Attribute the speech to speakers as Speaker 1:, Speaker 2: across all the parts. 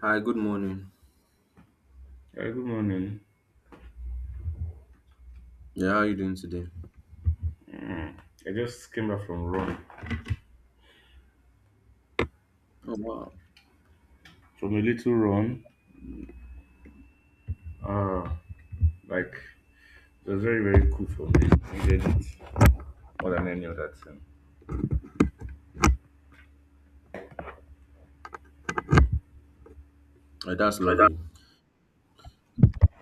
Speaker 1: Hi, good morning.
Speaker 2: Yeah, good morning.
Speaker 1: Yeah, how are you doing today?
Speaker 2: Hmm. I just came back from run,
Speaker 1: Oh wow,
Speaker 2: from a little run. Uh, like it was very very cool for me. Needed it more than any other thing.
Speaker 1: That's lovely.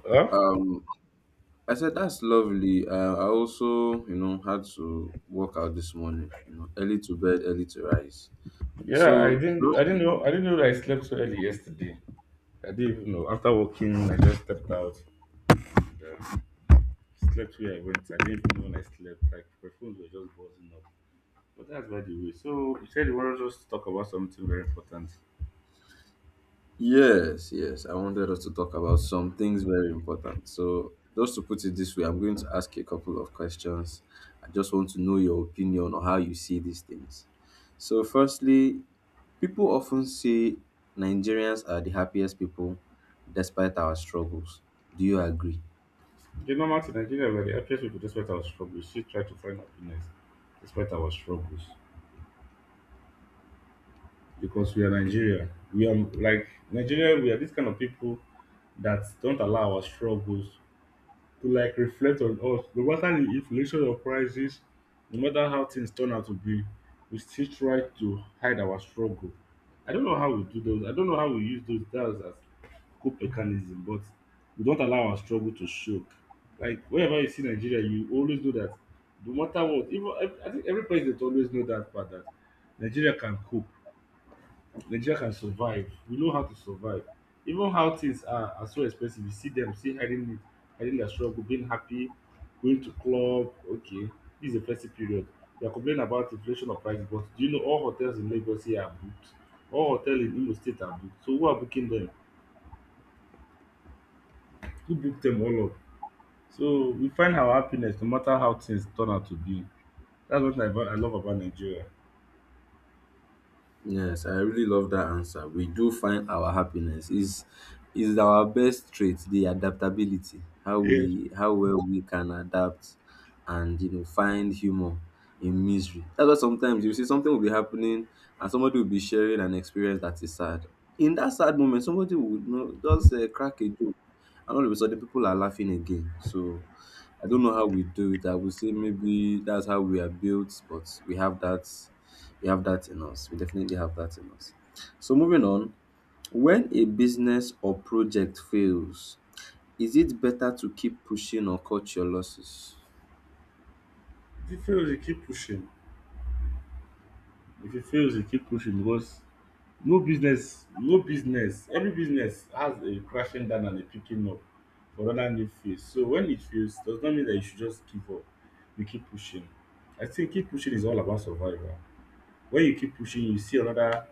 Speaker 2: Huh?
Speaker 1: Um, I said that's lovely. I also, you know, had to work out this morning. You know, early to bed, early to rise.
Speaker 2: Yeah, I
Speaker 1: So
Speaker 2: didn't I
Speaker 1: those…
Speaker 2: didn't know I didn't know that I slept so early yesterday. I didn't even know. After working, I just stepped out. Yeah, slept where I went. I didn't even know when I slept. Like my phones were just buzzing up. But that's by the way. So you said you wanted us to talk about something very important.
Speaker 1: Yes, yes. I wanted us to talk about some things very important. So, just to put it this way, I'm going to ask you a couple of questions. I just want to know your opinion or how you see these things. So, firstly, people often say Nigerians are the happiest people despite our struggles. Do you agree?
Speaker 2: The normal thing in Nigeria were the happiest people, despite our struggles, she tried to find happiness despite our struggles. Because we are Nigeria. We are like Nigeria, we are this kind of people that don't allow our struggles to like reflect on us. No matter the inflation or prices, no matter how things turn out to be, we still try to hide our struggle. I don't know how we do those. I don't know how we use those that's as cope mechanism, but we don't allow our struggle to show. Like whenever you see Nigeria, you always know that no matter what, even I think every president always know that part that Nigeria can cope, nigeria can survive, we know how to survive. Even how things are so expensive, you see dem still hiding it, hiding their struggle, being happy, going to club. Okay, this is a festive period. They are complaining about inflation of prices, but do you know all hotels in lagos here are booked? All hotel in imo state are booked. So who are booking them? Who booked them all up? So we find our happiness, no matter how things turn out to be. That's what I, about, I love about nigeria.
Speaker 1: Yes, I really love that answer. We do find our happiness is our best trait, the adaptability, how
Speaker 2: Yes,
Speaker 1: we how well we can adapt and you know find humor in misery. That's why sometimes you see something will be happening and somebody will be sharing an experience that is sad. In that sad moment, somebody would you know just crack a joke, and all of a sudden people are laughing again. So I don't know how we do it. I would say maybe that's how we are built, but we have that in us. We definitely have that in us. So moving on, when a business or project fails, is it better to keep pushing or cut your losses?
Speaker 2: if you fail you keep pushing. If you fail you keep pushing, because no business, every business has a crashing down and a picking up for another new phase. So when it fails does not mean that you should just give up. You keep pushing. I think keep pushing is all about survival. When you keep pushing, you see another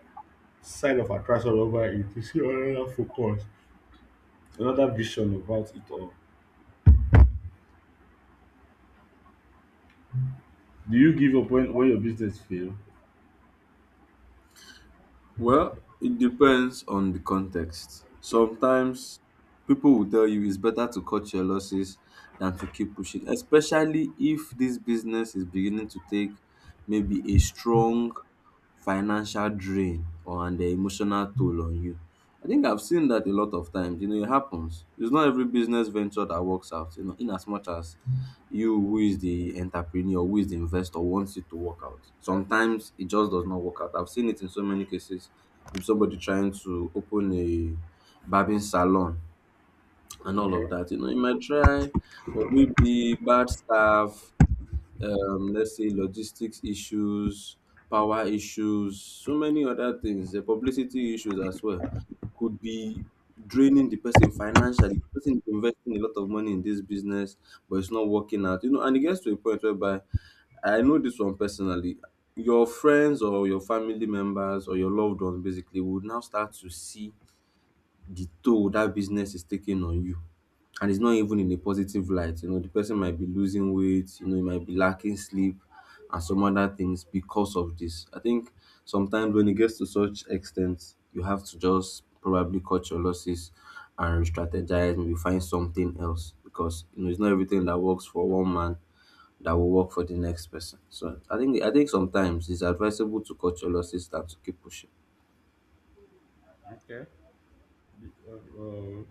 Speaker 2: side of attraction over it, you see another focus, another vision about it all. Do you give up when your business fail?
Speaker 1: Well, it depends on the context. Sometimes people will tell you it's better to cut your losses than to keep pushing, especially if this business is beginning to take maybe a strong financial drain or an emotional toll on you. I think I've seen that a lot of times. You know, it happens. It's not every business venture that works out, you know, in as much as you who is the entrepreneur, who is the investor wants it to work out. Sometimes it just does not work out. I've seen it in so many cases with somebody trying to open a barbing salon and all
Speaker 2: Okay.
Speaker 1: of that. You know, you might try, but maybe bad staff, let's say logistics issues, power issues, so many other things, the publicity issues as well could be draining the person financially. The person is investing a lot of money in this business, but it's not working out. You know, and it gets to a point whereby I know this one personally. Your friends or your family members or your loved ones basically would now start to see the toll that business is taking on you, and it's not even in a positive light. You know, the person might be losing weight, you know, he might be lacking sleep and some other things because of this. I think sometimes when it gets to such extent, you have to just probably cut your losses and re-strategize, maybe find something else because you know it's not everything that works for one man that will work for the next person. So I think sometimes it's advisable to cut your losses than to keep pushing.
Speaker 2: okay uh,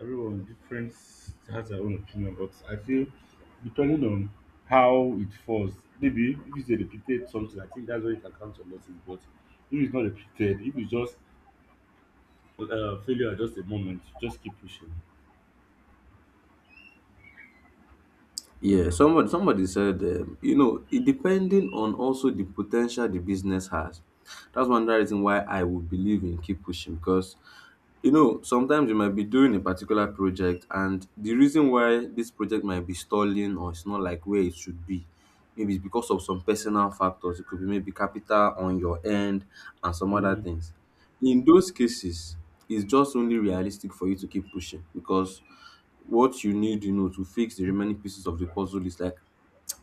Speaker 2: Everyone different has their own opinion, but I feel depending on how it falls, maybe if it's a repeated something, I think that's where you can count on losses. But if it's not repeated, if it's just failure at just a moment, just keep pushing.
Speaker 1: Yeah, somebody said, you know, it depending on also the potential the business has. That's one other reason why I would believe in keep pushing because you know, sometimes you might be doing a particular project, and the reason why this project might be stalling or it's not like where it should be, maybe it's because of some personal factors. It could be maybe capital on your end and some other
Speaker 2: Mhm.
Speaker 1: things. In those cases, it's just only realistic for you to keep pushing because what you need, you know, to fix the remaining pieces of the puzzle is like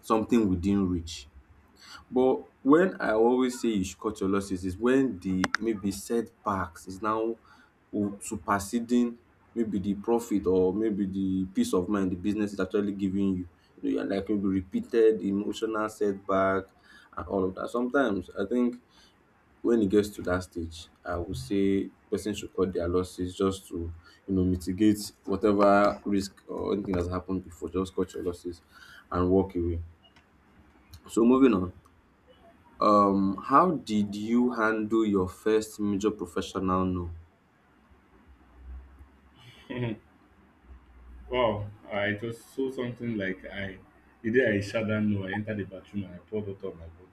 Speaker 1: something within reach. But when I always say you should cut your losses is when the maybe setbacks is now superseding maybe the profit or maybe the peace of mind the business is actually giving you. You know, you're like maybe repeated emotional setback and all of that. Sometimes I think when it gets to that stage, I would say person should cut their losses just to, you know, mitigate whatever risk or anything that's happened before. Just cut your losses and walk away. So moving on. How did you handle your first major professional no?
Speaker 2: Wow, I just saw something like I the day I shut down no, I entered the bathroom and I poured out of my body.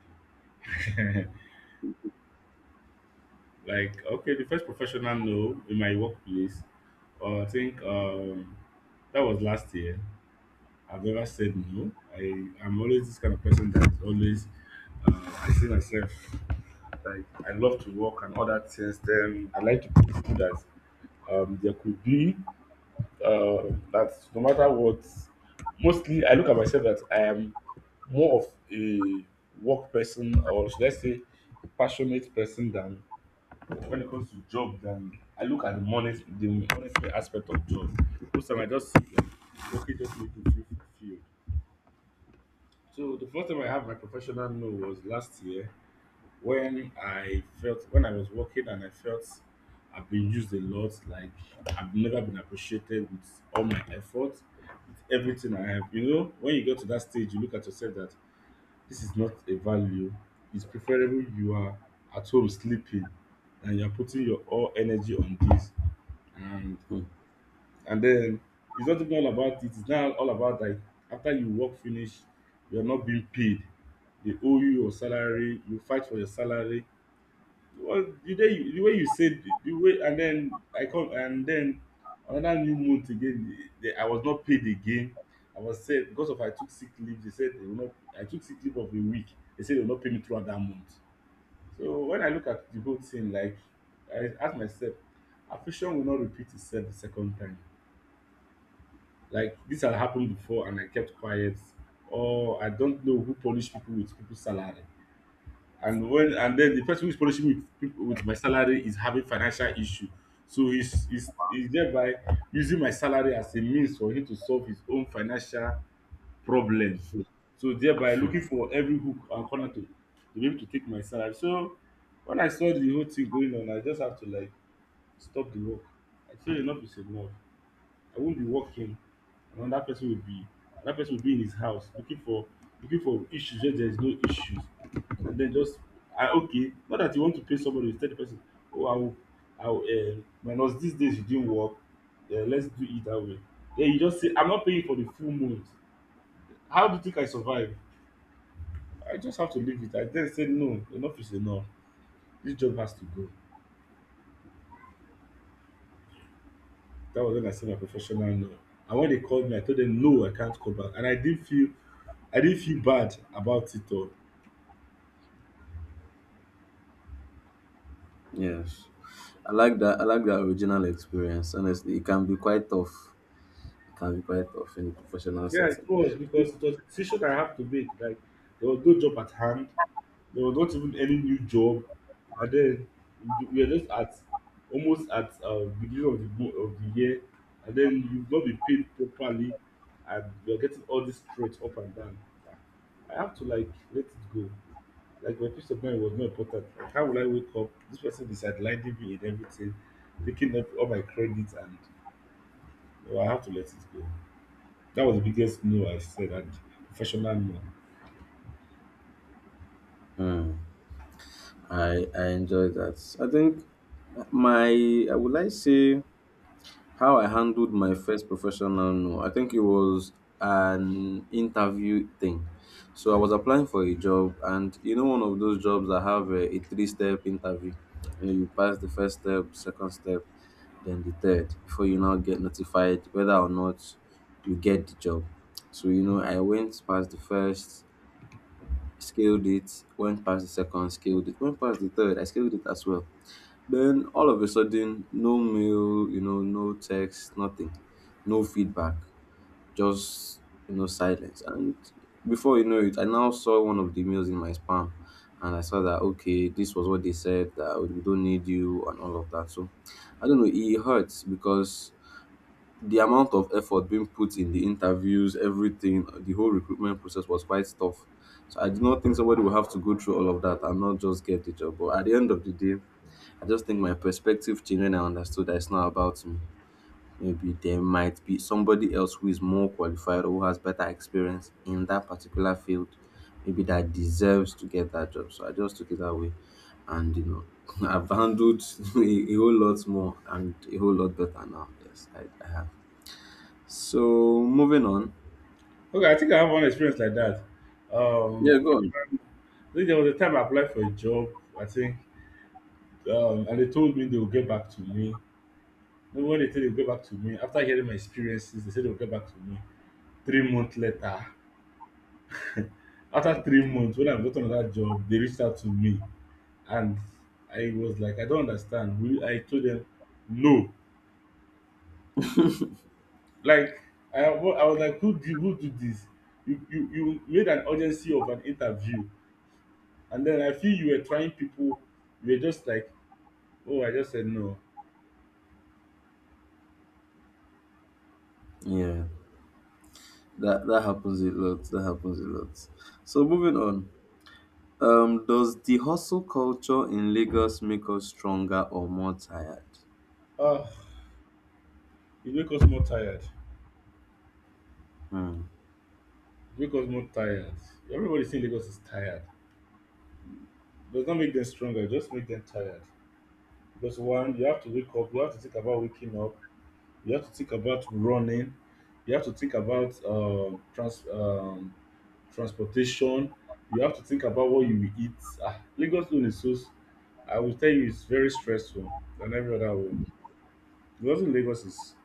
Speaker 2: Like okay, the first professional no in my workplace, I think that was last year. I've never said no. I'm always this kind of person that is always I see myself like I love to work and all that things. Then I like to teach people that there could be uh, that no matter what. Mostly, I look at myself that I am more of a work person, or should I say passionate person, than when it comes to job, than I look at the money, the monetary aspect of job. Most time I just see like, okay just make me feel fulfilled. So the first time I had my professional no was last year, when I felt, when I was working and I felt I've been used a lot. Like I've never been appreciated with all my effort, with everything I have. You know, when you get to that stage, you look at yourself that this is not a value. It's preferable you are at home sleeping than you're putting your all energy on this. And
Speaker 1: Hmm.
Speaker 2: And then it's not even all about it. It's now all about like after you work finish, you're not being paid. They owe you your salary. You fight for your salary. Well, the day you, the way you said the way and then I come, and then another new month again. I was not paid again. I was said because of I took sick leave. They said they will not. I took sick leave of a week. They said they will not pay me throughout that month. So when I look at the whole thing, like I ask myself, affliction will not repeat itself the second time. Like this had happened before and I kept quiet. Or I don't know who punish people with people's salary. And then the person who's punishing me with people with my salary is having financial issue. So he's thereby using my salary as a means for him to solve his own financial problem. So thereby looking for every hook and corner to be able to take my salary. So when I saw the whole thing going on, I just have to like stop the work. I feel enough is enough. I won't be working. Another person will be another person will be in his house looking for, looking for issues where there is no issues, and then just ah okay, not that you want to pay somebody you tell the person, oh I will minus this days you didn't work, let's do it that way. Then you just say I'm not paying for the full month. How do you think I survive? I just have to leave it. I then say no, enough is enough. This job has to go. That was when I said my professional no. And when they called me, I told them no, I can't come back. And I didn't feel bad about it all.
Speaker 1: Yes, I like that. I like that original experience. Honestly, it can be quite tough. It can be quite tough in the professional
Speaker 2: Yeah, it
Speaker 1: setting.
Speaker 2: was, because it was a decision I have to make. Like there was no job at hand, there was not even any new job, and then we were just at almost at beginning of the mo- of the year, and then you've not been paid properly, and you're getting all this straight up and down. I have to like let it go. Like my peace of mind was not important. Like how will I wake up? This person is sidelining me in everything, taking up all my credit and well, I have to let it go. That was the biggest no I said, and professional no.
Speaker 1: Hmm. I enjoy that. I think my I would like say how I handled my first professional no, I think it was an interview thing. So I was applying for a job, and you know, one of those jobs that have a three step interview. You know, you pass the first step, second step, then the third before you now get notified whether or not you get the job. So, you know, I went past the first, scaled it, went past the second, scaled it, went past the third, I scaled it as well. Then all of a sudden, no mail, you know, no text, nothing, no feedback, just you know, silence. And before you know it, I now saw one of the emails in my spam, and I saw that okay, this was what they said that we don't need you and all of that. So I don't know, it hurts because the amount of effort being put in the interviews, everything, the whole recruitment process was quite tough. So I do not think somebody will have to go through all of that and not just get the job. But at the end of the day, I just think my perspective changed when I understood that it's not about me. Maybe there might be somebody else who is more qualified or who has better experience in that particular field, maybe that deserves to get that job. So I just took it that way. And you know, I've handled a whole lot more and a whole lot better now. Yes, I have. So moving on.
Speaker 2: Okay, I think I have one experience like that. Um
Speaker 1: Yeah,
Speaker 2: prof-
Speaker 1: go on.
Speaker 2: I think there was a time I applied for a job, I think, and they told me they will get back to me. Then when they said they will get back to me, after hearing my experiences, they said they will get back to me 3 months later. After 3 months, when I got another job, they reached out to me. And I was like, I don't understand. I told them, no. Like, I was like, who did this? You made an urgency of an interview. And then I feel you were trying people. You were just like, oh, I just said no.
Speaker 1: Yeah, that happens a lot. That happens a lot. So moving on. Does the hustle culture in Lagos make us stronger or more tired?
Speaker 2: Ah, you make us more tired.
Speaker 1: Hmm.
Speaker 2: You make us more tired. Everybody in Lagos is tired. Does not make them stronger. It just make them tired. Because one, you have to wake up. You have to think about waking up. You have to think about running. You have to think about transportation. You have to think about what you will eat. Ah, Lagos alone is so. S- I will tell you, it's very stressful than every other way. Because in Lagos is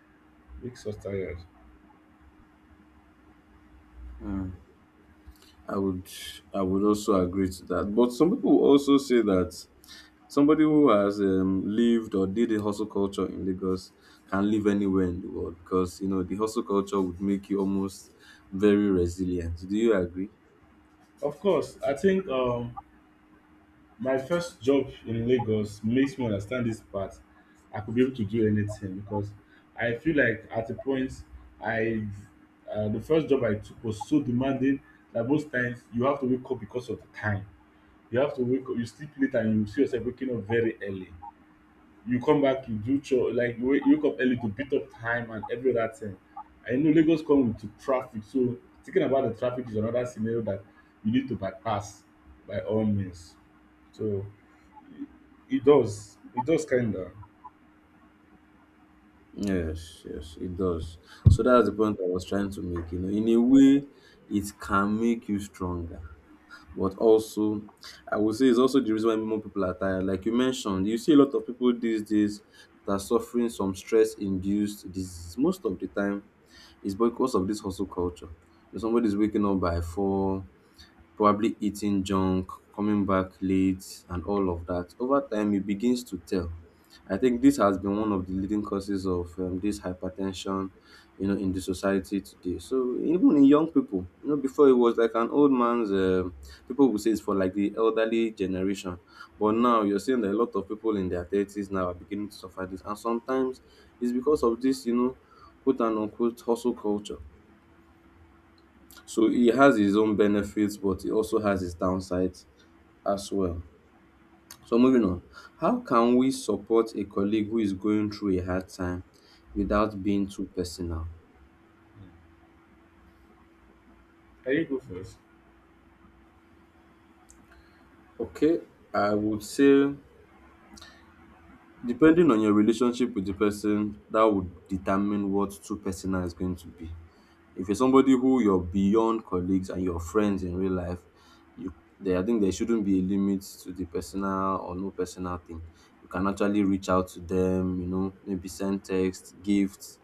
Speaker 2: makes us tired.
Speaker 1: I would I would also agree to that. But some people will also say that somebody who has lived or did a hustle culture in Lagos can live anywhere in the world because you know the hustle culture would make you almost very resilient. Do you agree?
Speaker 2: Of course, I think my first job in Lagos makes me understand this part. I could be able to do anything because I feel like at a point I the first job I took was so demanding that most times you have to wake up because of the time. You have to wake up, you sleep late and you see yourself waking up very early. You come back, you do chore like you wake up early to beat up time and every other thing. I know Lagos come with the traffic, so thinking about the traffic is another scenario that you need to bypass by all means. So it does. It does kinda.
Speaker 1: Yes, yes, it does. So that's the point I was trying to make. You know, in a way, it can make you stronger. But also, I would say it's also the reason why more people are tired. Like you mentioned, you see a lot of people these days that are suffering some stress-induced disease. Most of the time, it's because of this hustle culture. Somebody's waking up by four, probably eating junk, coming back late, and all of that. Over time, it begins to tell. I think this has been one of the leading causes of this hypertension, you know, in the society today. So even in young people, you know, before it was like an old man's. People would say it's for like the elderly generation, but now you're seeing that a lot of people in their thirties now are beginning to suffer this, and sometimes it's because of this, you know, quote and unquote hustle culture. So it has its own benefits, but it also has its downsides as well. So moving on, how can we support a colleague who is going through a hard time without being too personal?
Speaker 2: Can you go first?
Speaker 1: Okay, I would say depending on your relationship with the person, that would determine what too personal is going to be. If you're somebody who you're beyond colleagues and your friends in real life, you there I think there shouldn't be a limit to the personal or no personal thing. You can actually reach out to them, you know, maybe send text, gifts,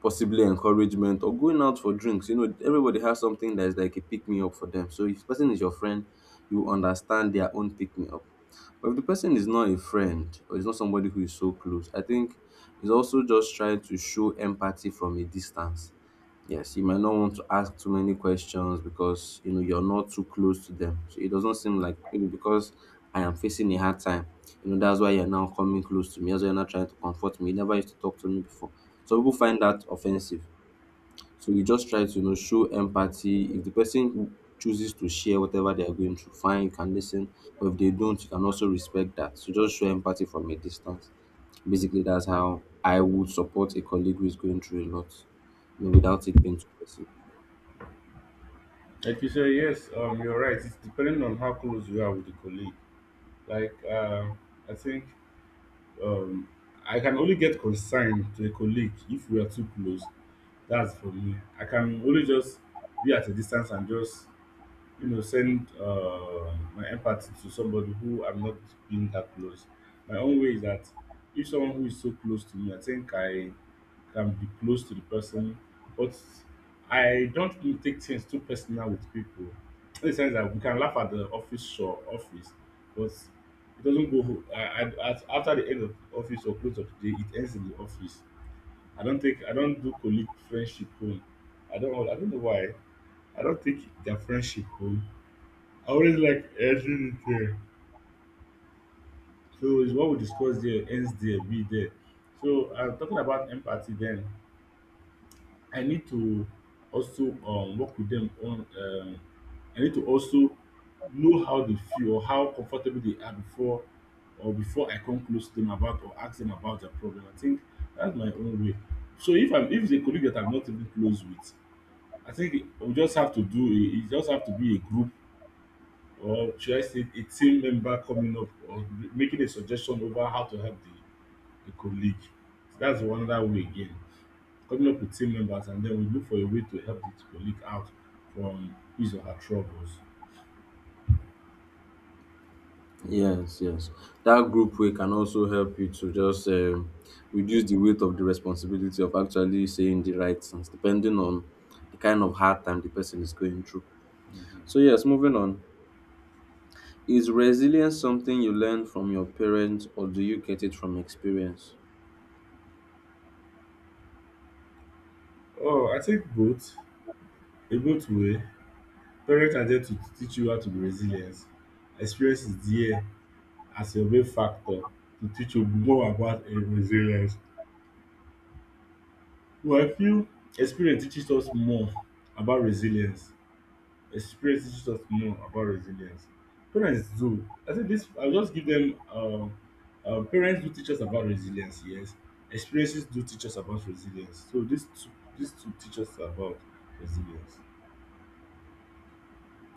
Speaker 1: possibly encouragement or going out for drinks. You know, everybody has something that is like a pick me up for them. So if the person is your friend, you understand their own pick me up. But if the person is not a friend or is not somebody who is so close, I think it's also just trying to show empathy from a distance. Yes, you might not want to ask too many questions because you know you're not too close to them. So it doesn't seem like maybe because I am facing a hard time, you know, that's why you're now coming close to me. That's why you're not trying to comfort me. You never used to talk to me before. So people find that offensive. So you just try to, you know, show empathy. If the person chooses to share whatever they are going through, fine, you can listen. But if they don't, you can also respect that. So just show empathy from a distance. Basically, that's how I would support a colleague who is going through a lot, without it being too personal.
Speaker 2: Like you said, yes, you're right. It's depending on how close you are with the colleague. Like, I think um, I can only get consigned to a colleague if we are too close. That's for me. I can only just be at a distance and just you know, send my empathy to somebody who I'm not being that close. My own way is that if someone who is so close to me, I think I can be close to the person, but I don't really take things too personal with people. In the sense that we can laugh at the office show, office, but it doesn't go. After the end of the office or close of the day, it ends in the office. I don't take. I don't do colleague friendship home. I don't. I don't know why. I don't take their friendship home. I always like ending it there. So it's what we discuss there ends there, be there. So talking about empathy, then I need to also work with them on. I need to also know how they feel or how comfortable they are before or before I come close to them about or ask them about their problem. I think that's my own way. So if it's a colleague that I'm not even close with, I think we just have to do a, it just have to be a group or should I say a team member coming up or making a suggestion over how to help the colleague. So that's another way again. Coming up with team members and then we look for a way to help the colleague out from his or her troubles.
Speaker 1: Yes, yes. That group way can also help you to just reduce the weight of the responsibility of actually saying the right things, depending on the kind of hard time the person is going through.
Speaker 2: Mhm.
Speaker 1: So yes, moving on. Is resilience something you learn from your parents or do you get it from experience?
Speaker 2: Oh, I think both. A both way. Parents are there to teach you how to be resilient. Experience is there as a main factor to teach you more about resilience. Well, I feel experience teaches us more about resilience, experience teaches us more about resilience. Parents do. I think this, I'll just give them, parents do teach us about resilience, yes. Experiences do teach us about resilience. So these two teach us about resilience.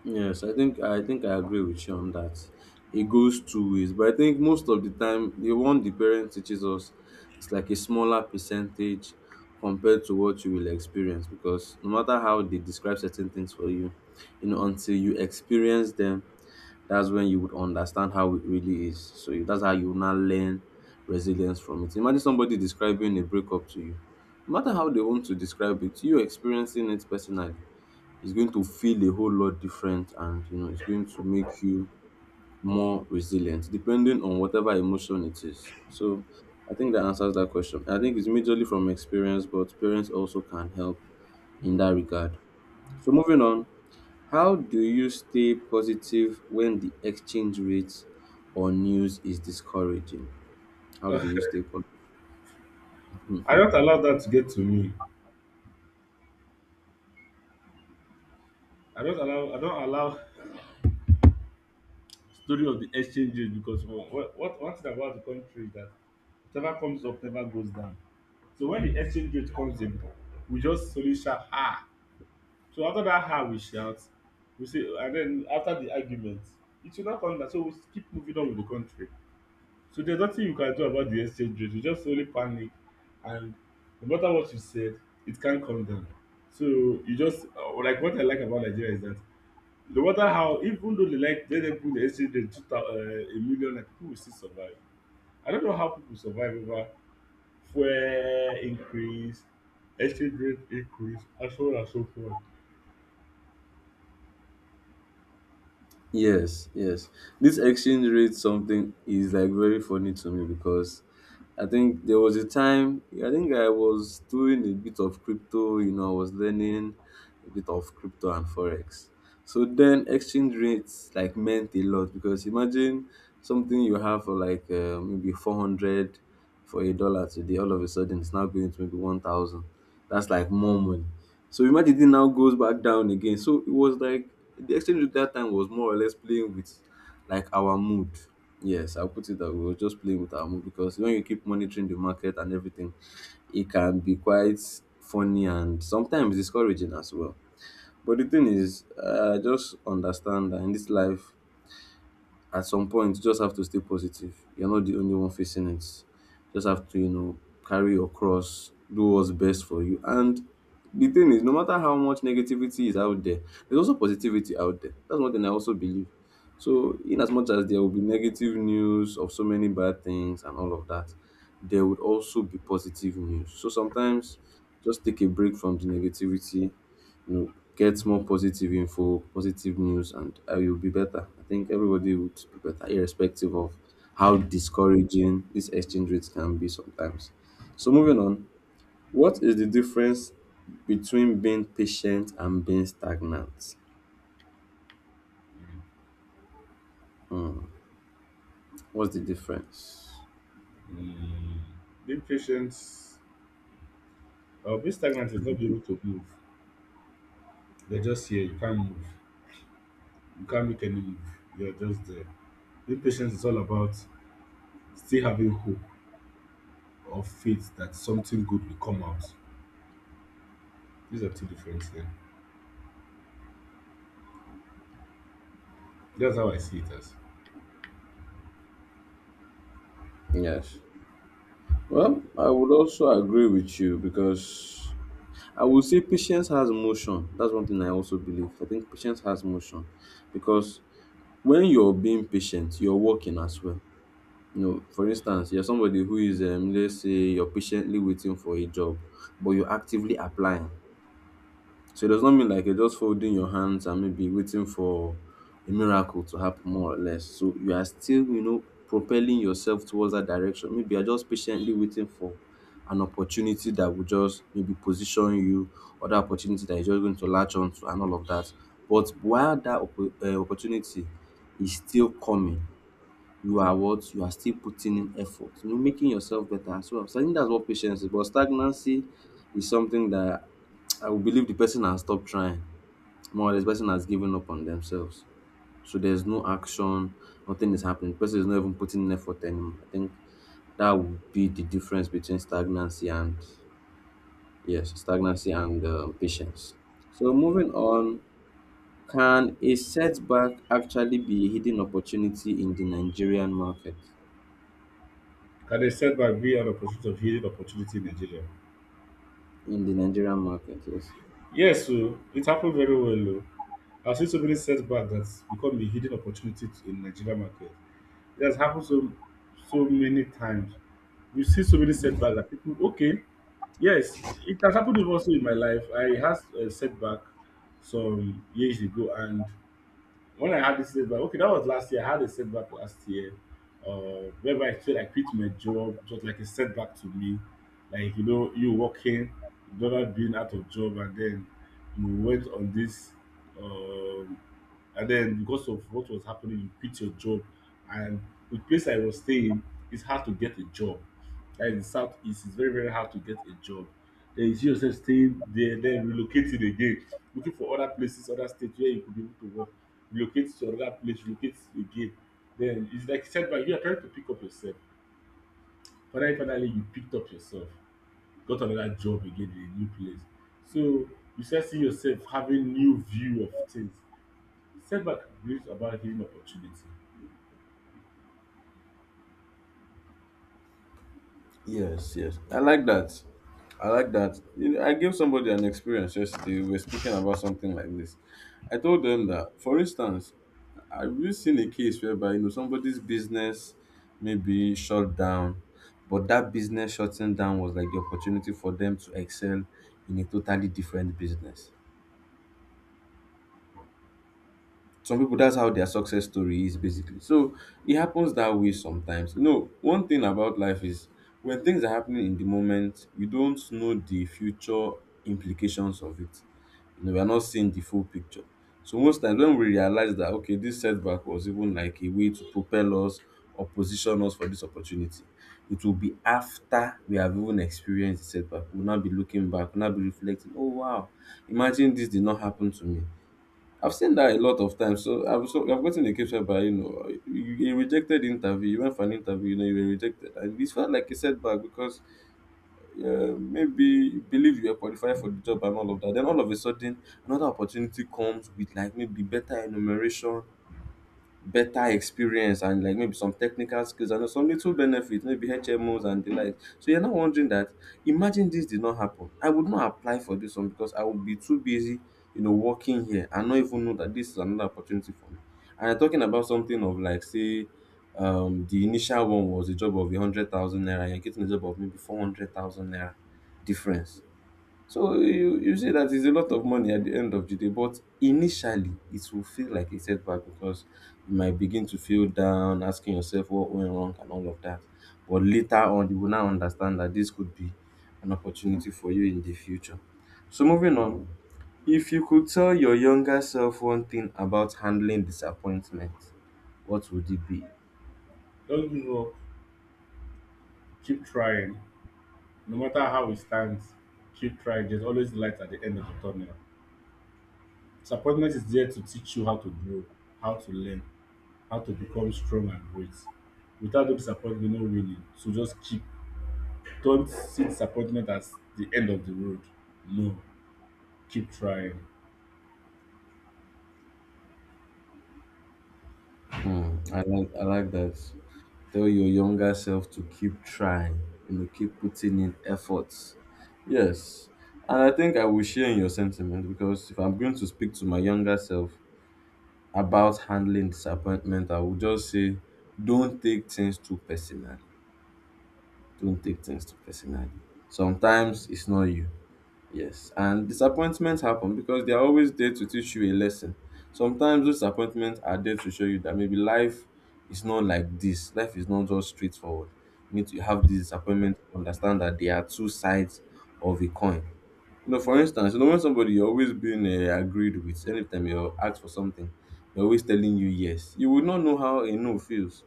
Speaker 1: Yes, I think I agree with you on that. It goes two ways, but I think most of the time the one the parent teaches us is like a smaller percentage compared to what you will experience because no matter how they describe certain things for you, you know, until you experience them, that's when you would understand how it really is. So that's how you now learn resilience from it. Imagine somebody describing a breakup to you. No matter how they want to describe it, you experiencing it personally is going to feel a whole lot different, and you know it's going to make you more resilient depending on whatever emotion it is. So I think that answers that question. I think it's majorly from experience, but parents also can help in that regard. So moving on, how do you stay positive when the exchange rate or news is discouraging? How do you stay positive?
Speaker 2: I don't allow that to get to me. I don't allow story of the exchanges because well, one thing about the country is that whatever comes up never goes down. So when the exchange rate comes in, we just suddenly shout, ah. So after dat how we shout, we say and den after the argument, it will now come down so we keep moving on with the country. So there's nothing you can do about the exchange rate, you just only panic and no matter what you said, it can't come down. So you just like what I like about Nigeria is that no matter how even though they like let dem put the exchange rate two thou a million naira, pipu will still survive. I don't know how pipu survive over fuel increase, exchange rate increase and so on and so forth.
Speaker 1: Yes, yes. This exchange rate something is like very funny to me because I think there was a time, I think I was doing a bit of crypto, you know, I was learning a bit of crypto and forex. So then exchange rates like meant a lot because imagine something you have for like maybe 400 for a dollar today, all of a sudden it's now going to maybe 1,000. That's like more money. So imagine it now goes back down again. So it was like the exchange rate that time was more or less playing with like our mood. Yes, I'll put it that way. We were just playing with our mood because when you keep monitoring the market and everything, it can be quite funny and sometimes discouraging as well. But the thing is, I just understand that in this life, at some point you just have to stay positive. You're not the only one facing it. Just have to, you know, carry your cross, do what's best for you. And the thing is, no matter how much negativity is out there, there's also positivity out there. That's one thing I also believe. So, in as much as there will be negative news of so many bad things and all of that, there would also be positive news. So sometimes just take a break from the negativity, you know, get more positive info, positive news, and I will be better. I think everybody would be better, irrespective of how discouraging these exchange rates can be sometimes. So, moving on, what is the difference between being patient and being stagnant? What's the difference?
Speaker 2: Mm. Being patient or being stagnant is not being able to move. You're just here, you can't move. You can't make any move. You're just there. Being patient is all about still having hope or faith that something good will come out. These are two different things. That's how I see it as.
Speaker 1: Yes. Well, I would also agree with you because I would say patience has motion. That's one thing I also believe. I think patience has motion because when you're being patient, you're working as well. You know, for instance, you're somebody who is, let's say you're patiently waiting for a job, but you're actively applying. So it does not mean like you're just folding your hands and maybe waiting for a miracle to happen more or less. So you are still, you know, propelling yourself towards that direction. Maybe you're just patiently waiting for an opportunity that will just maybe position you, or that opportunity that you're just going to latch onto and all of that. But while that opportunity is still coming, you are what? You are still putting in effort, you know, making yourself better as well. So I think that's what patience is. But stagnancy is something that I would believe the person has stopped trying. More or less, person has given up on themselves. So there's no action, nothing is happening. The person is not even putting in effort anymore. I think that would be the difference between stagnancy and, yes, stagnancy and patience. So moving on, can a setback actually be a hidden opportunity in the Nigerian market?
Speaker 2: Can a setback be an opportunity of healing opportunity in Nigeria?
Speaker 1: In the Nigerian market. Yes.
Speaker 2: Yes, so it happened very well, oh. I've seen so many setbacks that's become a hidden opportunity in Nigeria market. It has happened so many times. You see so many setbacks that people okay, yes, it has happened also in my life. I had a setback some years ago and when I had this setback, okay, that was last year. I had a setback last year, whereby I feel like I quit my job, just like a setback to me. Like, you know, you working, never being out of job, and then you went on this, um, and then because of what was happening, you quit your job. And the place I was staying, it's hard to get a job. Like in the southeast, it's very, very hard to get a job. Then you see yourself staying there, then relocating again, looking for other places, other states where you could be able to work, relocates to another place, relocates again. Then it's like setback. You are trying to pick up yourself. Finally, finally, you picked up yourself, got another job again in a new place. So you start seeing yourself having new view of things. Setback brings about hidden opportunity.
Speaker 1: Yes, yes. I like that. I like that. You know, I gave somebody an experience yesterday. We were speaking about something like this. I told them that, for instance, I've really seen a case whereby, you know, somebody's business maybe shut down, but that business shutting down was like the opportunity for them to excel in a totally different business. Some people, that's how their success story is basically. So it happens that way sometimes. You know, one thing about life is, when things are happening in the moment, you don't know the future implications of it. You know, we are not seeing the full picture. So most times when we realize that, okay, this setback was even like a way to propel us or position us for this opportunity, it will be after we have even experienced the setback. We'll not be looking back, we'll not be reflecting, oh wow, imagine this did not happen to me. I've seen that a lot of times. So I've gotten a case by, you know, you, a rejected interview. You went for an interview, you know, you were rejected, and it felt like a setback because maybe you believe you are qualified for the job and all of that. Then all of a sudden, another opportunity comes with like maybe better enumeration, better experience, and like maybe some technical skills and some little benefits, maybe HMOs and the like. So you're now wondering that imagine this did not happen. I would not apply for this one because I would be too busy, you know, working here and not even know that this is another opportunity for me. And I'm talking about something of like say the initial one was a job of 100,000 naira, you're getting a job of maybe 400,000 naira difference. So you see that it's a lot of money at the end of the day, but initially it will feel like a setback because you might begin to feel down, asking yourself what went wrong and all of that. But later on, you will now understand that this could be an opportunity for you in the future. So moving on, if you could tell your younger self one thing about handling disappointment, what would it be?
Speaker 2: Don't give up. Keep trying. No matter how it stands, keep trying. There's always light at the end of the tunnel. Disappointment is there to teach you how to grow, how to learn, how to become strong and great. Without the disappointment, no winning. So just keep. Don't see disappointment as the end of the road. No, keep trying.
Speaker 1: Hmm, I like that. Tell your younger self to keep trying, you know, keep putting in efforts. Yes. And I think I will share in your sentiment because if I'm going to speak to my younger self about handling disappointment, I will just say don't take things too personally. Don't take things too personally. Sometimes it's not you. Yes, and disappointments happen because they are always there to teach you a lesson. Sometimes those disappointments are there to show you that maybe life is not like this. Life is not just straightforward. You need to have these disappointments to understand that they are two sides of a coin. You know, for instance, you know, when somebody you're always being agreed with, anytime you ask for something, they're always telling you yes. You would not know how a no feels.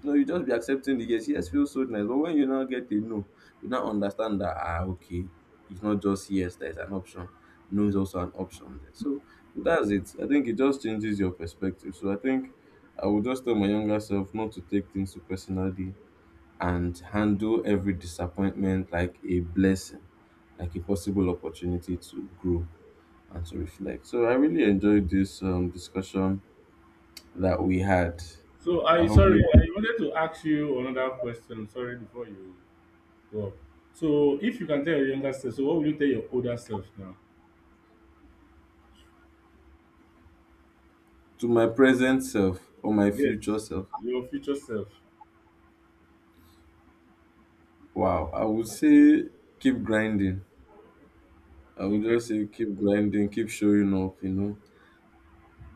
Speaker 1: You know, you just be accepting the yes. Yes feels so nice, but when you now get a no, you now understand that ah, okay, it's not just yes. There's an option. No is also an option there. So that's it. I think it just changes your perspective. So I think I would just tell my younger self not to take things so personally and handle every disappointment like a blessing, like a possible opportunity to grow and to reflect. So I really enjoyed this discussion that we had.
Speaker 2: So
Speaker 1: I
Speaker 2: I
Speaker 1: hope maybe
Speaker 2: sorry, I wanted to ask you another question. Sorry before you go up. So if you can tell your younger self, so what will you tell your older self now?
Speaker 1: to my present self or my
Speaker 2: Yes,
Speaker 1: future self.
Speaker 2: your future self.
Speaker 1: Wow, I would say keep grinding. I would
Speaker 2: Okay.
Speaker 1: just say keep grinding, keep showing up, you know,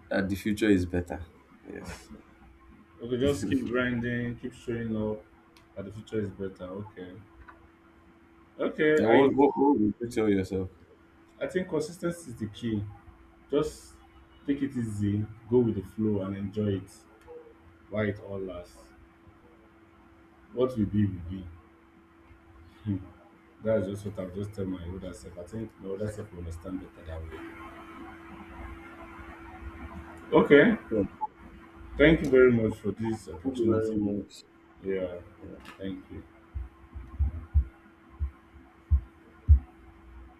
Speaker 1: that the future is better. Yes.
Speaker 2: Okay, just keep grinding, keep showing up that the future is better. Okay. Okay,
Speaker 1: Then what,
Speaker 2: I
Speaker 1: what, what would you tell yourself?
Speaker 2: I think consistency is the key. Just take it easy, go with the flow and enjoy it while it all lasts. What will be will be. Hmm. That's just what I've just tell my older self. I think my older self will understand better that way. Okay.
Speaker 1: Yeah,
Speaker 2: Thank you very much for this
Speaker 1: thank you very
Speaker 2: opportunity.
Speaker 1: much.
Speaker 2: Yeah.
Speaker 1: Yeah.
Speaker 2: Thank you.